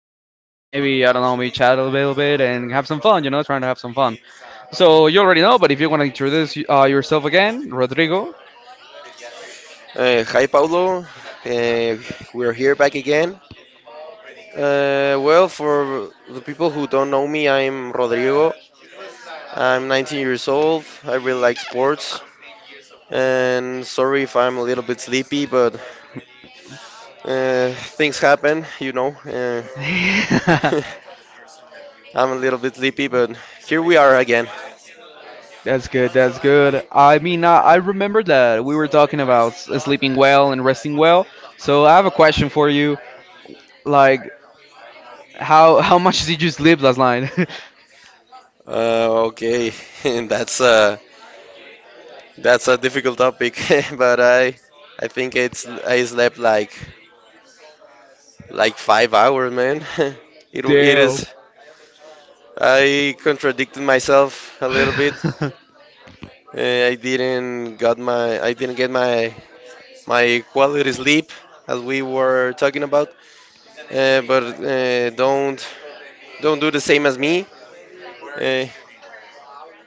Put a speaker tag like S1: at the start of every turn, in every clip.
S1: Things. Maybe, I don't know, we chat a little bit and have some fun, trying to have some fun. So, you already know, but if you want to introduce yourself again, Rodrigo.
S2: Hi, Paulo. Uh, we're here back again. Well, for the people who don't know me, I'm Rodrigo. I'm 19 years old. I really like sports. And sorry if I'm a little bit sleepy, but things happen. I'm a little bit sleepy, but here we are again.
S1: That's good. That's good. I mean, I remember that we were talking about sleeping well and resting well. So I have a question for you. Like, how much did you sleep last night?
S2: Okay, and that's a difficult topic, but I think it's I slept like like 5 hours, man. It
S1: Damn.
S2: is. I contradicted myself a little bit. I didn't get my my quality sleep as we were talking about. But don't do the same as me. Uh,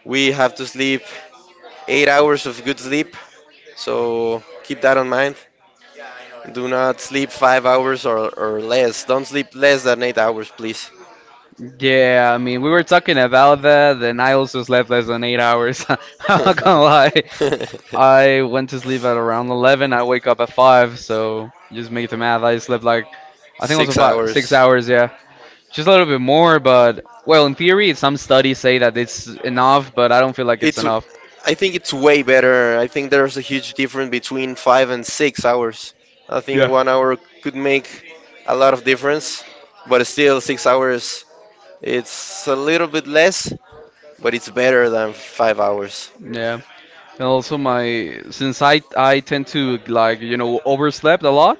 S2: we have to sleep 8 hours of good sleep. So keep that in mind. Do not sleep 5 hours or less. Don't sleep less than 8 hours, please.
S1: Yeah, I mean, we were talking about that, and I also slept less than 8 hours. I'm not gonna lie. I went to sleep at around 11. I wake up at 5, so just make the math. I slept like, I think it was
S2: Six.
S1: about 6 hours, yeah. Just a little bit more, but, well, in theory, some studies say that it's enough, but I don't feel like it's enough.
S2: I think it's way better. I think there's a huge difference between 5 and 6 hours. I think
S1: Yeah.
S2: one hour could make a lot of difference, but still 6 hours, it's a little bit less, but it's better than 5 hours.
S1: Yeah. And also my since I tend to like, overslept a lot,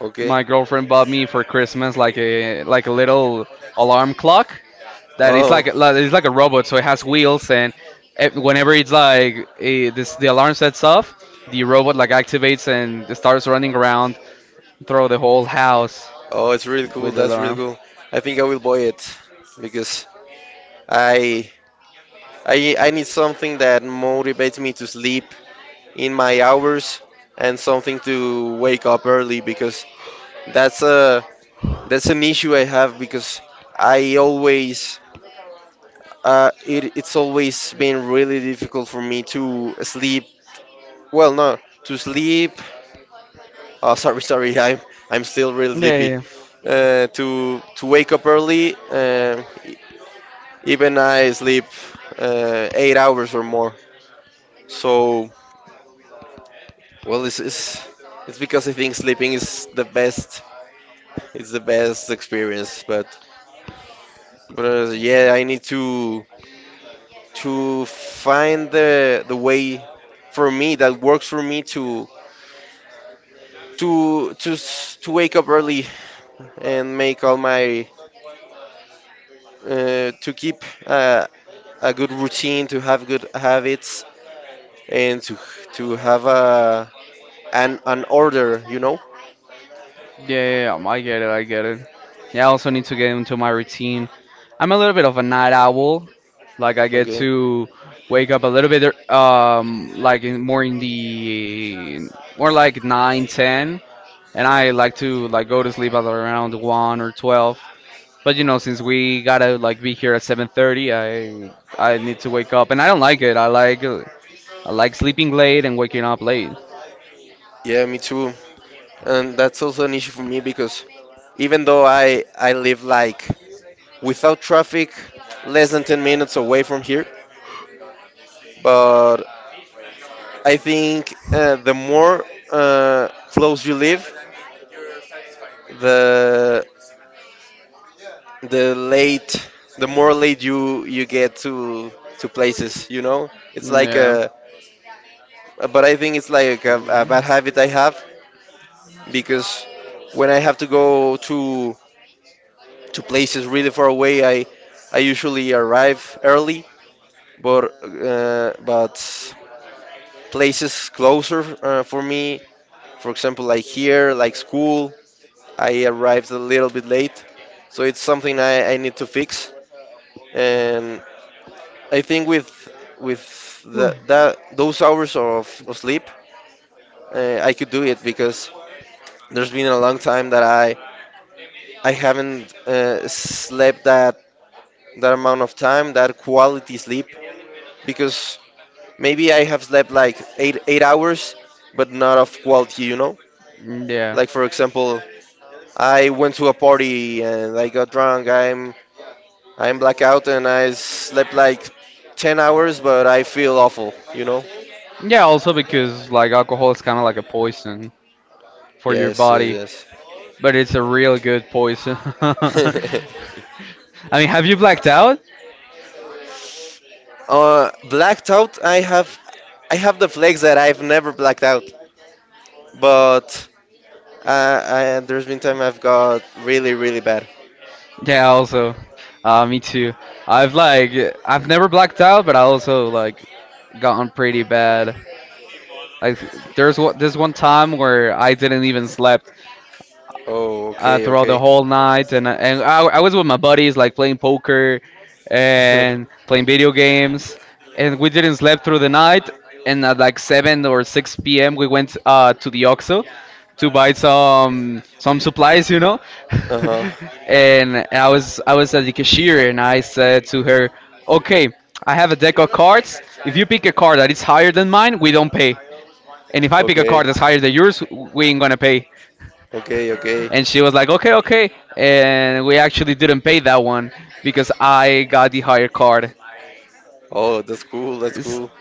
S2: Okay.
S1: my girlfriend bought me for Christmas like a little alarm clock that is
S2: Oh.
S1: like it's like a robot, so it has wheels and whenever it's like a, this the alarm sets off, the robot like activates and starts running around through the whole house
S2: Oh, it's really cool.
S1: with the
S2: That's really
S1: alarm.
S2: cool. I think I will buy it because I I need something that motivates me to sleep in my hours and something to wake up early because that's a that's an issue I have because I always it's always been really difficult for me to sleep. Well, no, To sleep. Oh, sorry, sorry. I'm still really sleepy.
S1: Yeah, yeah, yeah.
S2: To wake up early. Even I sleep 8 hours or more. So, well, it's it's because I think sleeping is the best. It's the best experience. But yeah, I need to find the way for me that works for me to wake up early and make all my to keep a good routine, to have good habits, and to have a an order, you know.
S1: Yeah, I get it. I get it. Yeah, I also need to get into my routine. I'm a little bit of a night owl. Like I get
S2: Okay.
S1: to wake up a little bit, ear- like in, more in the more like nine, ten, and I like to like go to sleep at around 1 or 12. But since we gotta like be here at 7:30, I need to wake up, and I don't like it. I like sleeping late and waking up late.
S2: Yeah, me too. And that's also an issue for me because even though I live like without traffic, less than 10 minutes away from here, but I think the more close you live, the the late the more late you get to places, you know. It's like a But I think it's like a bad habit I have because when I have to go to places really far away, I usually arrive early, but places closer, for me, for example, like here, like school, I arrived a little bit late, so it's something I need to fix. And I think with the, that those hours of sleep, I could do it because there's been a long time that I haven't slept that that amount of time, that quality sleep, because maybe I have slept like 8 8 hours, but not of quality, you know.
S1: Yeah.
S2: Like for example, I went to a party and I got drunk. I'm blackout and I slept like 10 hours, but I feel awful, you know.
S1: I'm Yeah, also because like alcohol is kind of like a poison for your
S2: Yes,
S1: body,
S2: yes,
S1: but it's a real good poison. I
S2: yes.
S1: mean, have you blacked out?
S2: Blacked out. I have the flakes that I've never blacked out, but there's been time I've got really, really bad.
S1: Yeah, also, me too. I've like I've never blacked out, but I also like gotten pretty bad. Like there's this one time where I didn't even slept
S2: Oh, okay,
S1: throughout the
S2: okay.
S1: whole night, and I was with my buddies like playing poker and playing video games, and we didn't sleep through the night. And at like 7 or 6 p.m., we went to the OXXO to buy some supplies.
S2: uh huh.
S1: And I was at the cashier, and I said to her, "Okay, I have a deck of cards. If you pick a card that is higher than mine, we don't pay. And if I pick a
S2: Okay.
S1: card that's higher than yours, we ain't gonna pay."
S2: Okay, okay.
S1: And she was like, "Okay, okay," and we actually didn't pay that one because I got the higher card.
S2: Oh, that's cool. That's
S1: It's-
S2: cool.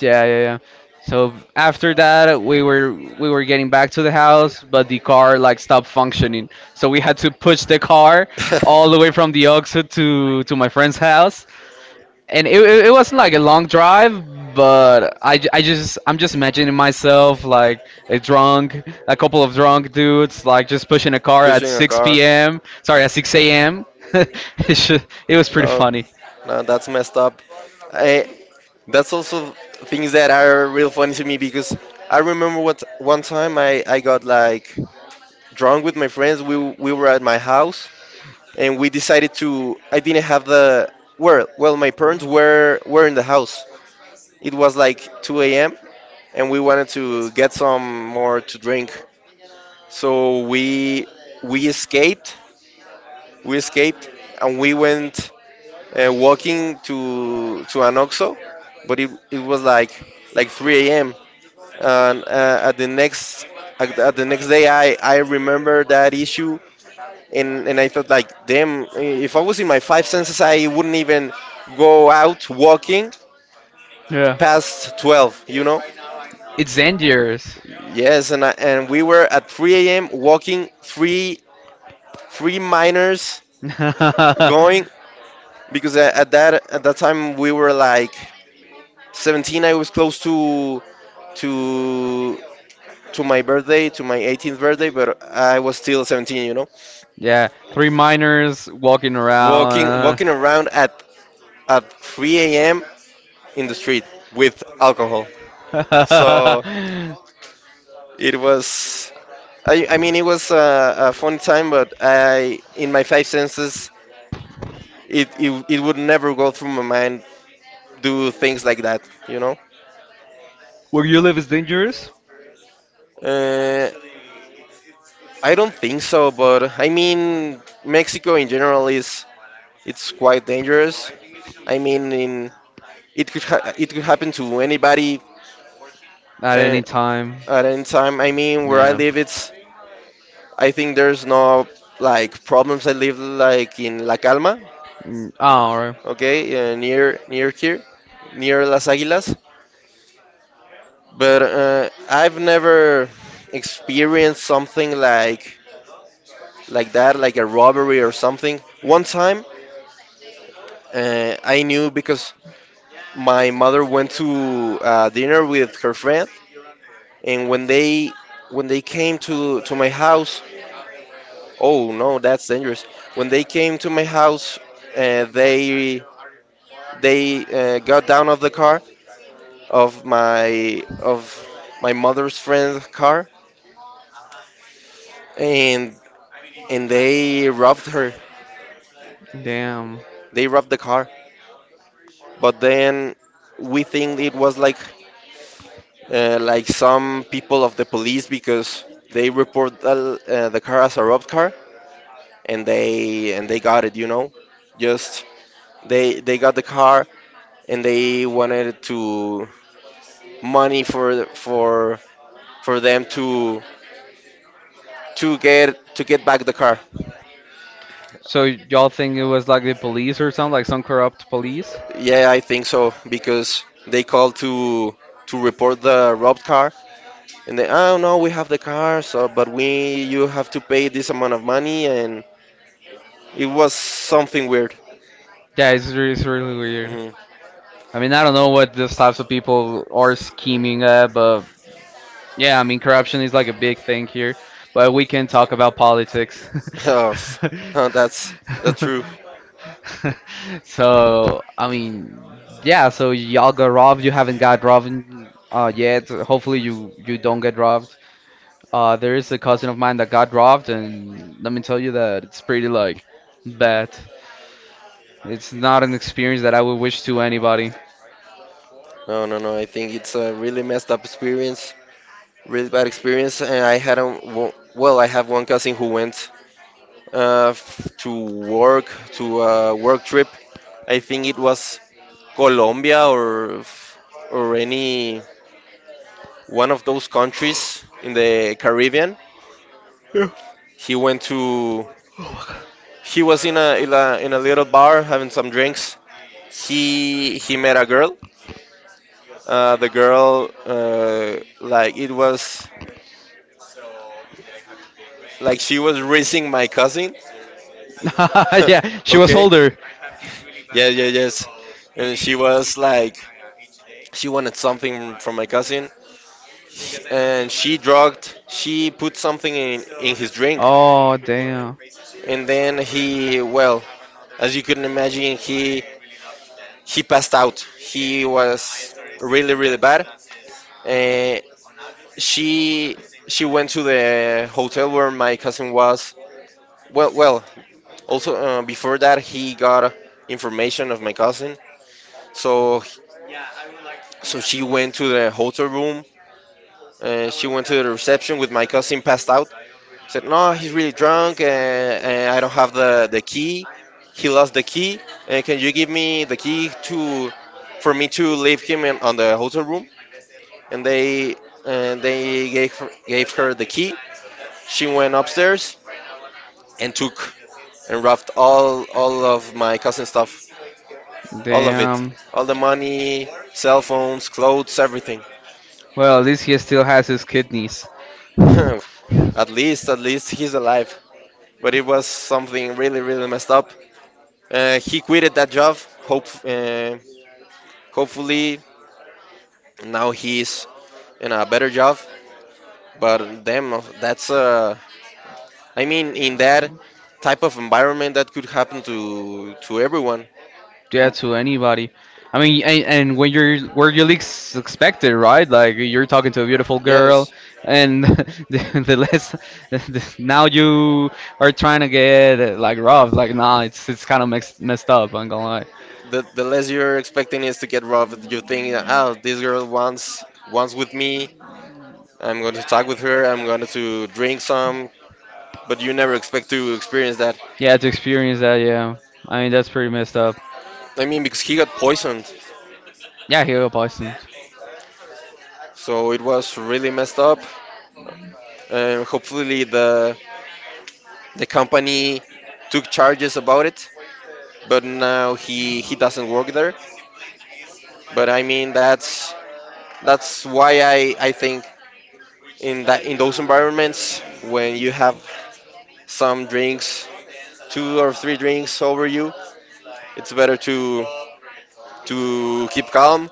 S1: yeah, yeah, yeah. So after that, we were getting back to the house, but the car like stopped functioning. So we had to push the car all the way from the Oxford to my friend's house, and it wasn't like a long drive, but I'm just imagining myself like a couple of drunk dudes like just pushing a car at 6 p.m., sorry, at 6 a.m. it's ju- it was pretty funny.
S2: No, that's messed up. I, that's also things that are real funny to me because I remember what one time, I got like drunk with my friends. We were at my house and we decided to. I didn't have the Well, my parents were in the house. It was like 2 a.m. and we wanted to get some more to drink. So we escaped. We escaped and we went walking to an Oxxo, but it was like 3 a.m. And at the next day, I remember that issue, and I thought like, damn, if I was in my five senses, I wouldn't even go out walking
S1: Yeah,
S2: past 12, you know?
S1: it's dangerous.
S2: Yes, and and we were at 3 a.m. walking three minors going because at that time we were like 17. I was close to to my birthday, to my 18th birthday, but I was still 17, you know.
S1: Yeah, three minors walking
S2: Walking
S1: around.
S2: walking around at 3 a.m. in the street with alcohol. So it was, I mean, it was a fun time, but in my five senses, it would never go through my mind do things like that, you know?
S1: Where you live is dangerous.
S2: Uh, I don't think so, but I mean, Mexico in general is it's quite dangerous. I mean, in, it could it could happen to anybody
S1: At
S2: uh,
S1: any time.
S2: at any time. I mean, where I
S1: Yeah.
S2: live, it's I think there's no like problems. I live like in La Calma,
S1: Mm. Oh, alright.
S2: okay, near here, near Las Águilas. But I've never experienced something like that, like a robbery or something. One time, I knew because my mother went to dinner with her friend, and when they came to my house, oh no, that's dangerous. When they came to my house, uh, they They got down of the car of my mother's friend's car, and and they robbed her.
S1: Damn.
S2: They robbed the car. But then we think it was like some people of the police because they report the car as a robbed car, and they got it, you know. Just they got the car and they wanted to money for for them to get back the car.
S1: So y'all think it was like the police or something, like some corrupt police?
S2: Yeah, I think so because they called to report the robbed car, and they, oh no, we have the car, so but we you have to pay this amount of money, and it was something weird.
S1: Yeah, it's really weird.
S2: Hmm.
S1: I mean, I don't know what these types of people are scheming at, but. Yeah, I mean, corruption is like a big thing here, but we can talk about politics.
S2: Oh, f- huh, that's that's true.
S1: So, I mean, yeah, so y'all got robbed, you haven't got robbed yet. Hopefully, you don't get robbed. There is a cousin of mine that got robbed, and let me tell you that it's pretty like bad. It's not an experience that I would wish to anybody.
S2: No, no, no. I think it's a really messed up experience, really bad experience, and I had a well, I have one cousin who went uh, f- to to a work trip. I think it was Colombia or f- or any one of those countries in the Caribbean.
S1: Yeah.
S2: He went to
S1: Oh my God.
S2: He was in a little bar having some drinks. He met a girl. The girl like it was like she was raising my cousin.
S1: Yeah, she was
S2: Okay.
S1: older.
S2: Yeah, yeah, yes. And she was like She wanted something from my cousin, and she drugged. she put something in his drink,
S1: Oh, damn.
S2: and then as you can imagine, he passed out. He was really really bad. Uh, she she went to the hotel where my cousin was. Well, well. Also, before that, he got information of my cousin. So so she went to the hotel room. She went to the reception with my cousin passed out, said, "No, he's really drunk, and I don't have the key. He lost the key, and can you give me the key to for me to leave him in, on the hotel room?" And they and they gave her the key. She went upstairs and took and robbed all of my cousin's stuff, all of it,
S1: Damn.
S2: all the money, cell phones, clothes, everything.
S1: Well, at least he still has his kidneys.
S2: At least, at least he's alive. But it was something really, really messed up. He quitted that job. Hope uh, Hopefully now he's in a better job. But damn, that's I mean, in that type of environment, that could happen to everyone.
S1: Yeah, to anybody. I mean, and when you're where you leaks expected, right? Like you're talking to a beautiful girl,
S2: Yes,
S1: and the less now you are trying to get like rough. Like, nah, it's kind of mixed, messed up. I'm gonna lie.
S2: the less you're expecting is to get robbed. You think, oh, this girl wants with me. I'm going to talk with her. I'm going to drink some, but you never expect to experience that.
S1: Yeah, to experience that, yeah. I mean, that's pretty messed up.
S2: I mean, because he got poisoned,
S1: Yeah, Hugo Boston.
S2: so it was really messed up. Hopefully, the company took charges about it, but now he doesn't work there. But I mean, that's why I think in that in those environments when you have some drinks, two or three drinks over you, it's better to keep calm,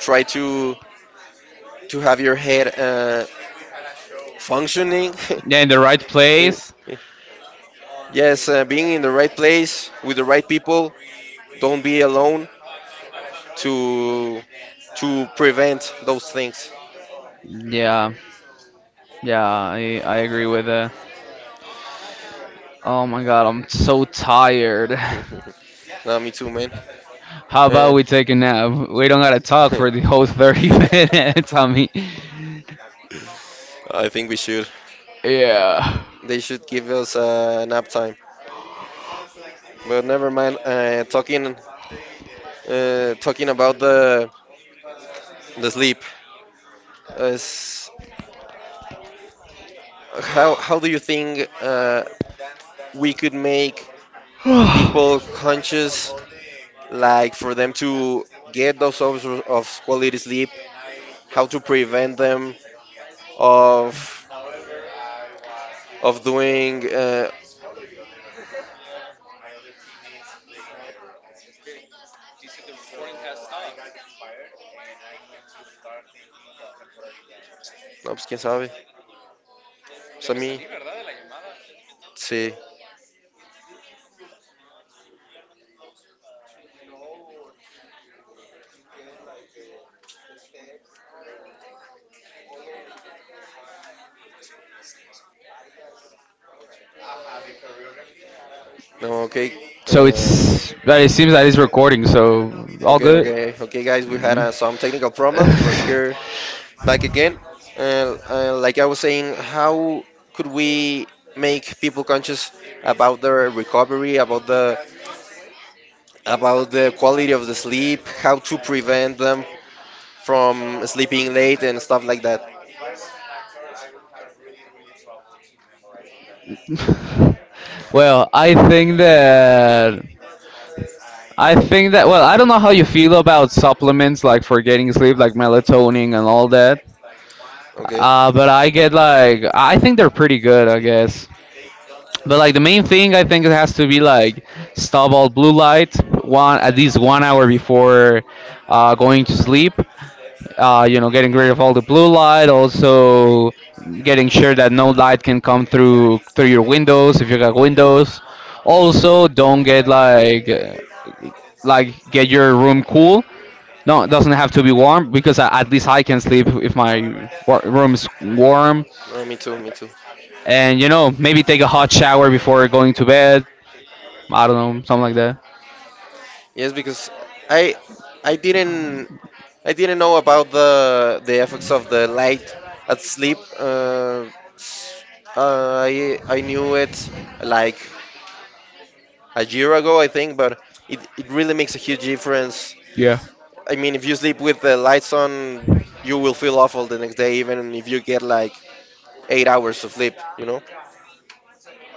S2: try to have your head functioning.
S1: Yeah, in the right
S2: in,
S1: place.
S2: yes, being in the right place with the right people. Don't be alone to to prevent those things.
S1: Yeah, yeah, I agree with that. Oh my God, I'm so tired.
S2: Nah, me too, man.
S1: How
S2: Uh,
S1: about we take a nap? We don't gotta talk for the whole 30 minutes, I mean.
S2: I think we should.
S1: Yeah.
S2: They should give us a nap time. But never mind. Talking about the sleep. Is How do you think we could make people conscious, like for them to get those hours of quality sleep? How to prevent them of of doing, no, pues quién sabe, pues a mí, sí, no, okay,
S1: So
S2: uh,
S1: it's but it seems that it's recording, so all
S2: okay,
S1: good.
S2: okay, okay, guys, we had
S1: Mm.
S2: some technical problems, we're here back again, like I was saying, how could we make people conscious about their recovery, about the quality of the sleep, how to prevent them from sleeping late and stuff like that,
S1: Well, I think that I think that well, I don't know how you feel about supplements like for getting sleep, like melatonin and all that.
S2: okay.
S1: But I get like I think they're pretty good, I guess. But like the main thing, I think it has to be like stop all blue light one at least one hour before going to sleep. Getting rid of all the blue light, also getting sure that no light can come through your windows if you got windows. Also, don't get like get your room cool. No, it doesn't have to be warm because at least I can sleep if my room's warm.
S2: No, me too, me too.
S1: And maybe take a hot shower before going to bed. I don't know, something like that.
S2: Yes, because I I didn't I didn't know about the effects of the light at sleep. I knew it like a year ago, I think, but it really makes a huge difference.
S1: Yeah.
S2: I mean, if you sleep with the lights on, you will feel awful the next day, even if you get like 8 hours of sleep, you know?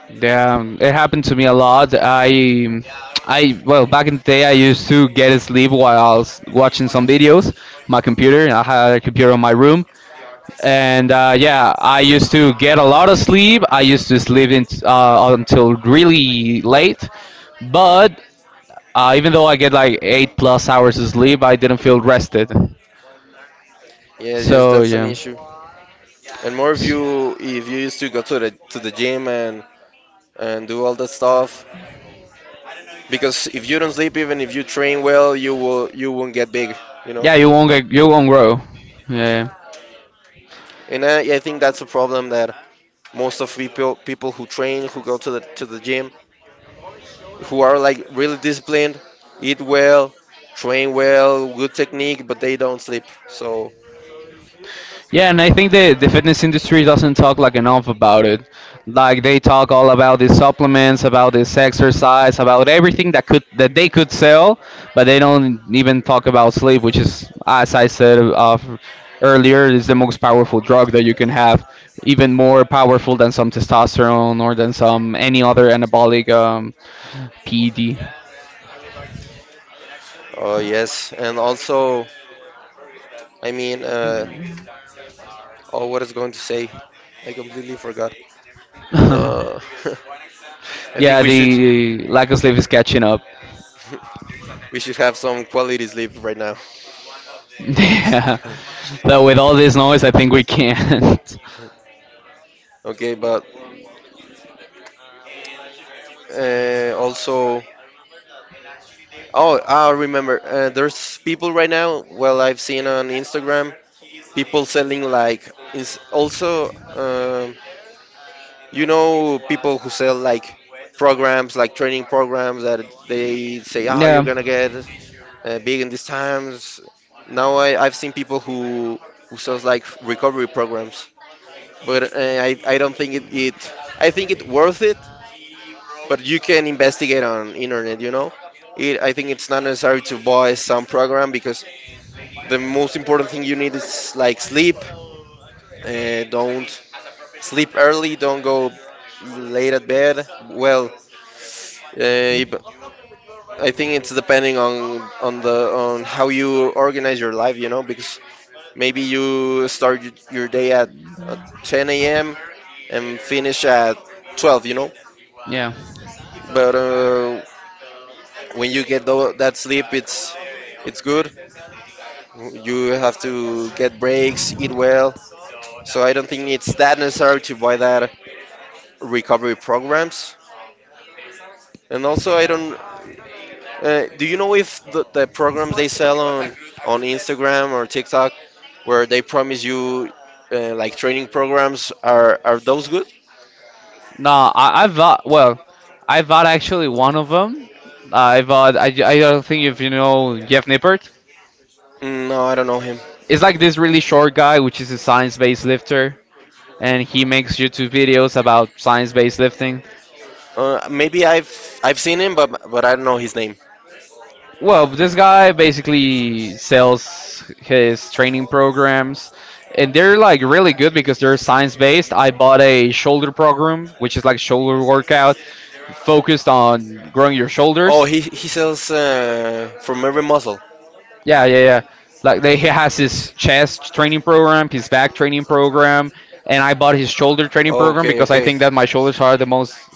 S1: Yeah, it happened to me a lot. I well, back in the day, I used to get sleep while I was watching some videos. My computer, I had a computer in my room, and yeah, I used to get a lot of sleep. I used to sleep in, until really late, but even though I get like 8+ hours of sleep, I didn't feel rested.
S2: Yes, yes,
S1: So
S2: that's an
S1: yeah,
S2: issue. And more if you used to go to the gym and do all that stuff, because if you don't sleep, even if you train well, you won't get big, you know.
S1: yeah, you won't get, you won't grow. Yeah. Yeah.
S2: And I think that's a problem that most of people who train, who go to the gym, who are like really disciplined, eat well, train well, good technique, but they don't sleep. So,
S1: Yeah, and I think the fitness industry doesn't talk like enough about it. Like they talk all about these supplements, about this exercise, about everything that they could sell, but they don't even talk about sleep, which is, as I said earlier, is the most powerful drug that you can have, even more powerful than some testosterone or than some any other anabolic PED.
S2: yes, and also, I mean, oh, what is going to say? I completely forgot. Uh, I think
S1: Yeah,
S2: we should
S1: the lack of sleep is catching up.
S2: we should have some quality sleep right now.
S1: Yeah. But with all this noise, I think we can't.
S2: Okay, but also, oh, I remember. There's people right now. Well, I've seen on Instagram people selling like. Is also, um, you know, people who sell like programs, like training programs that they say, "Oh, you're
S1: Yeah.
S2: gonna get big in these times." Now I've seen people who sells like recovery programs, but I don't think it. I think it worth it. But you can investigate on internet, you know. I think it's not necessary to buy some program because the most important thing you need is like sleep. Don't sleep early. Don't go late at bed. Well, uh, if- I think it's depending on how you organize your life, you know, because maybe you start your day at 10 a.m. and finish at 12, you know.
S1: Yeah.
S2: But when you get that sleep, it's good. You have to get breaks, eat well. So I don't think it's that necessary to buy that recovery programs. And also, I don't. Do you know if the programs they sell on Instagram or TikTok, where they promise you like training programs, are those good?
S1: No, well, I bought actually one of them. I don't think if you know Jeff Nippert.
S2: Mm, no, I don't know him.
S1: It's like this really short guy, which is a science-based lifter, and he makes YouTube videos about science-based lifting.
S2: Maybe I've seen him, but I don't know his name.
S1: Well, this guy basically sells his training programs, and they're like really good because they're science based. I bought a shoulder program, which is like shoulder workout focused on growing your shoulders.
S2: He sells from every muscle.
S1: Yeah, yeah, yeah. Like he has his chest training program, his back training program, and I bought his shoulder training program because I think that my shoulders are the most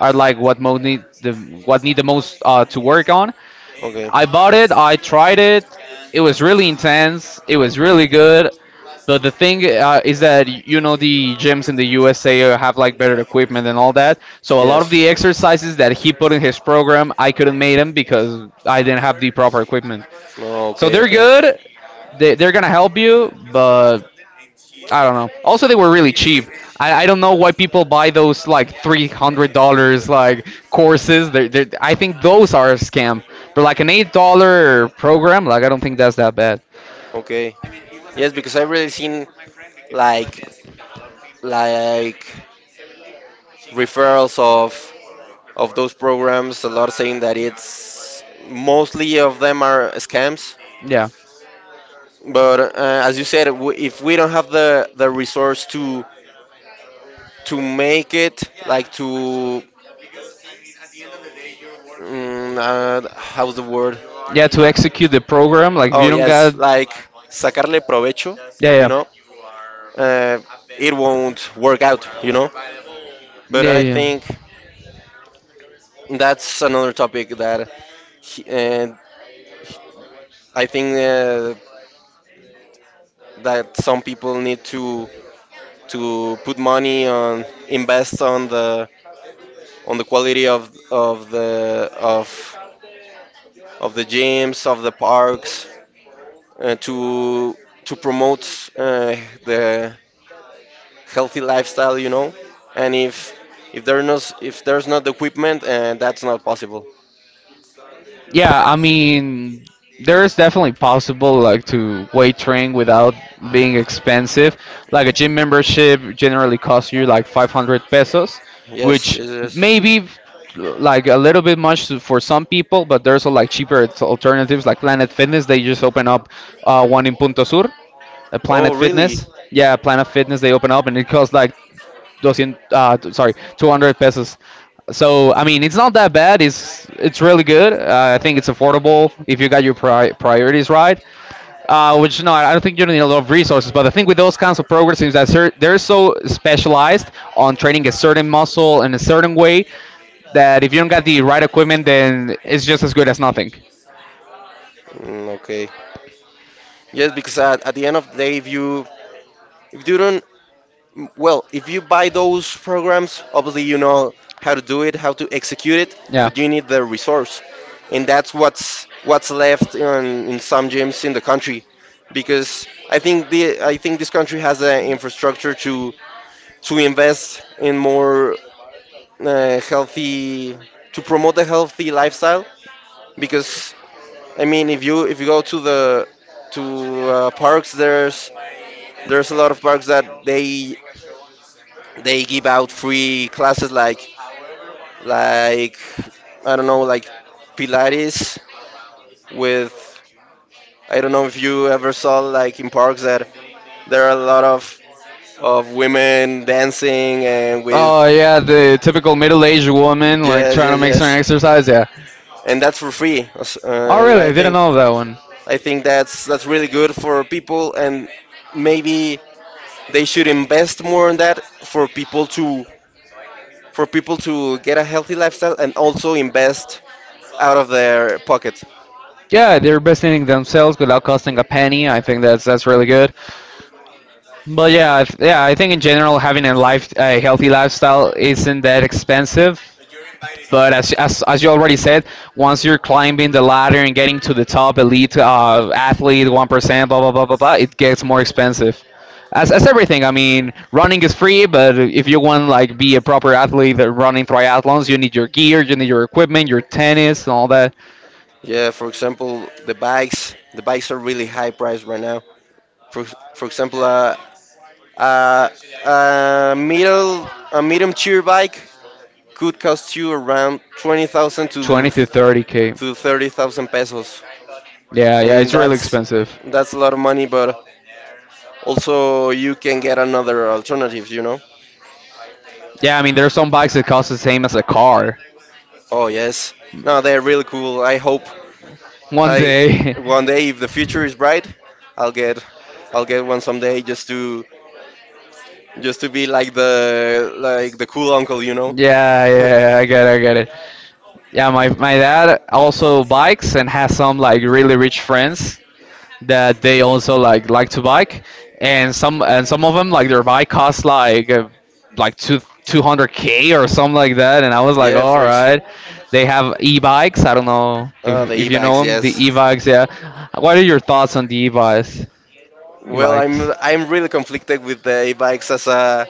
S1: are like what most need the what need the most
S2: On.
S1: to work on.
S2: Okay.
S1: I bought it, I tried it. It was really intense. It was really good. But the thing is that the gyms in the USA have like better equipment and all that. So a lot of the exercises that he put in his program, I couldn't make them because I didn't have the proper equipment.
S2: No,
S1: So they're good. They're gonna help you, but I don't know. Also, they were really cheap. I don't know why people buy those like $300 like courses. They're, I think those are a scam. But like an $8 program, like I don't think that's that bad.
S2: okay. Yes, because I've really seen like like referrals of those programs. A lot saying that it's mostly of them are scams.
S1: Yeah.
S2: But as you said, if we don't have the resource to make it, like to how's the word?
S1: Yeah, to execute the program, like if
S2: Oh
S1: you don't
S2: yes,
S1: got.
S2: like sacarle provecho.
S1: Yeah,
S2: You
S1: yeah.
S2: know, uh, it won't work out. You know. But
S1: Yeah,
S2: I
S1: yeah.
S2: think that's another topic that he- uh, I think that some people need to put money on, invest on the quality of the gyms, of the parks, to promote uh, the healthy lifestyle, you know, and if there's no, if there's not the equipment, that's not possible.
S1: Yeah, I mean, there is definitely possible like to weight train without being expensive. Like a gym membership generally costs you like 500 pesos,
S2: Yes,
S1: which
S2: yes, yes.
S1: maybe like a little bit much for some people, but there's like cheaper alternatives like Planet Fitness. They just open up one in Punto Sur,
S2: Oh,
S1: Planet
S2: really?
S1: Fitness. Yeah, Planet Fitness. They open up and it costs like 200, sorry, 200 pesos. So I mean, it's not that bad. It's really good. I think it's affordable if you got your priorities right. Which no, I don't think you need a lot of resources. But the thing with those kinds of programs is that they're so specialized on training a certain muscle in a certain way that if you don't got the right equipment, then it's just as good as nothing.
S2: Mm, okay. Yes, because at the end of the day, if you don't, well, if you buy those programs, obviously you know how to do it, how to execute it, but you need the resource, and that's what's left in some gyms in the country, because I think this country has an infrastructure to invest in more healthy, to promote a healthy lifestyle, because I mean if you go to the to parks, there's a lot of parks that they give out free classes like I don't know, like Pilates with, I don't know if you ever saw like in parks that there are a lot of women dancing and with,
S1: Oh yeah, the typical middle-aged woman like
S2: yes,
S1: trying to
S2: yes,
S1: make some
S2: yes,
S1: exercise. Yeah.
S2: and that's for free.
S1: Oh
S2: And
S1: really?
S2: I
S1: I didn't
S2: think
S1: know that one.
S2: I think that's really good for people, and maybe they should invest more in that for people to get a healthy lifestyle and also invest out of their pocket.
S1: Yeah, they're besting themselves without costing a penny. I think that's really good. But yeah, yeah, I think in general having a healthy lifestyle isn't that expensive. But as you already said, once you're climbing the ladder and getting to the top elite athlete, 1%, blah, blah, blah, blah, blah, it gets more expensive. As everything, I mean, running is free, but if you want like be a proper athlete that running triathlons, you need your gear, you need your equipment, your tennis, and all that.
S2: Yeah, for example, the bikes. The bikes are really high priced right now. For for example, uh, a medium tier bike could cost you around 20,000
S1: 20,
S2: to
S1: 30K, to 30.
S2: to 30,000 pesos.
S1: Yeah, yeah,
S2: And
S1: it's really
S2: that's
S1: expensive.
S2: that's a lot of money, but also you can get another alternatives, you know.
S1: Yeah, I mean, there are some bikes that cost the same as a car.
S2: Oh yes, no, they're really cool. i hope
S1: One
S2: i
S1: day.
S2: One day, if the future is bright, i'll get I'll get one someday, just to be like the cool uncle, you know.
S1: Yeah, yeah, I get it, I get it. Yeah, my dad also bikes and has some like really rich friends that they also like to bike, and some of them like their bike costs like two. 200K or something like that, and I was like,
S2: Yeah,
S1: all right. They have e-bikes. I don't know if,
S2: the
S1: if you know
S2: e-bikes,
S1: them, the
S2: yes.
S1: e-bikes. Yeah. What are your thoughts on the e-bikes?
S2: Well,
S1: Bikes.
S2: I'm really conflicted with the e-bikes as a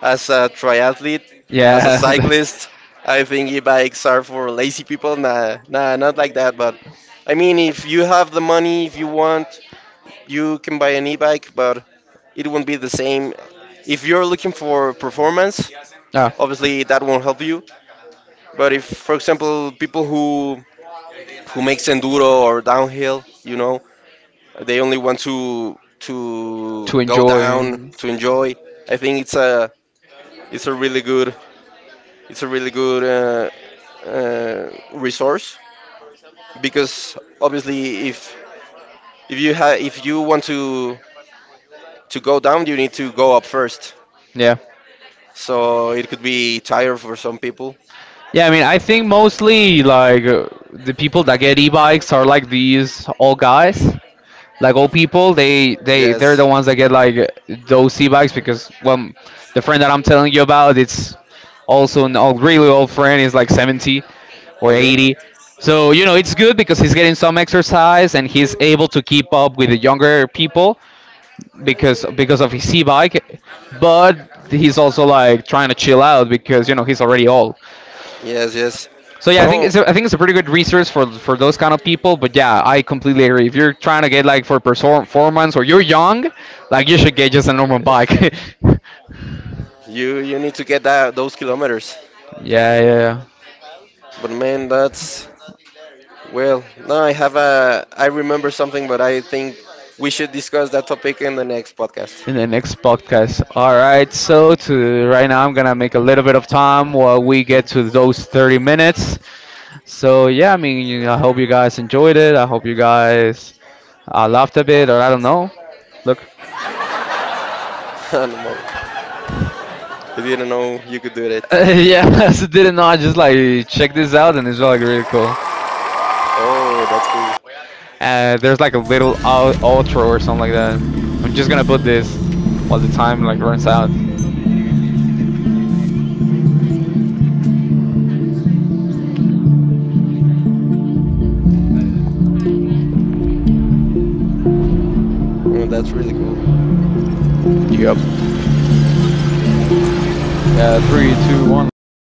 S2: as a triathlete. As a
S1: Yeah.
S2: cyclist, I think e-bikes are for lazy people. Nah, nah, not like that. But I mean, if you have the money, if you want, you can buy an e-bike, but it won't be the same. If you're looking for performance,
S1: Ah.
S2: obviously that won't help you. But if, for example, people who makes enduro or downhill, you know, they only want to
S1: To
S2: go down
S1: enjoy.
S2: to enjoy. I think it's a really good it's a really good uh, resource, because obviously if you want to go down, you need to go up first,
S1: Yeah.
S2: so it could be tired for some people,
S1: Yeah, I mean, I think mostly like the people that get e-bikes are like these old guys, like old people. They're the
S2: yes,
S1: ones that get like those e-bikes because, well, the friend that I'm telling you about, it's also an old, really old friend. He's like 70 or
S2: okay,
S1: 80. So it's good because he's getting some exercise and he's able to keep up with the younger people because of his e-bike. But he's also like trying to chill out because he's already old.
S2: yes, yes,
S1: So yeah, I think
S2: no.
S1: I think it's a pretty good resource for those kind of people. But yeah, I completely agree. If you're trying to get like for performance or you're young, like you should get just a normal bike.
S2: You need to get that those kilometers.
S1: Yeah, yeah, yeah.
S2: But man, that's, well, no, I have a I remember something, but I think we should discuss that topic in the next podcast.
S1: In the next podcast. All right. So to right now, I'm gonna make a little bit of time while we get
S2: Get.
S1: to those 30 minutes. So yeah, I mean, I hope you guys enjoyed it. I hope you guys laughed a bit, or I don't know. Look.
S2: I don't know. I didn't know you could do that.
S1: Yeah, so didn't know. I just like check this out, and it's like really cool.
S2: It. Oh, that's cool.
S1: There's like a little outro or something like that. I'm just gonna put this while the time like runs out.
S2: Oh, that's really cool.
S1: Yep. Yeah, three, two, one, let's go.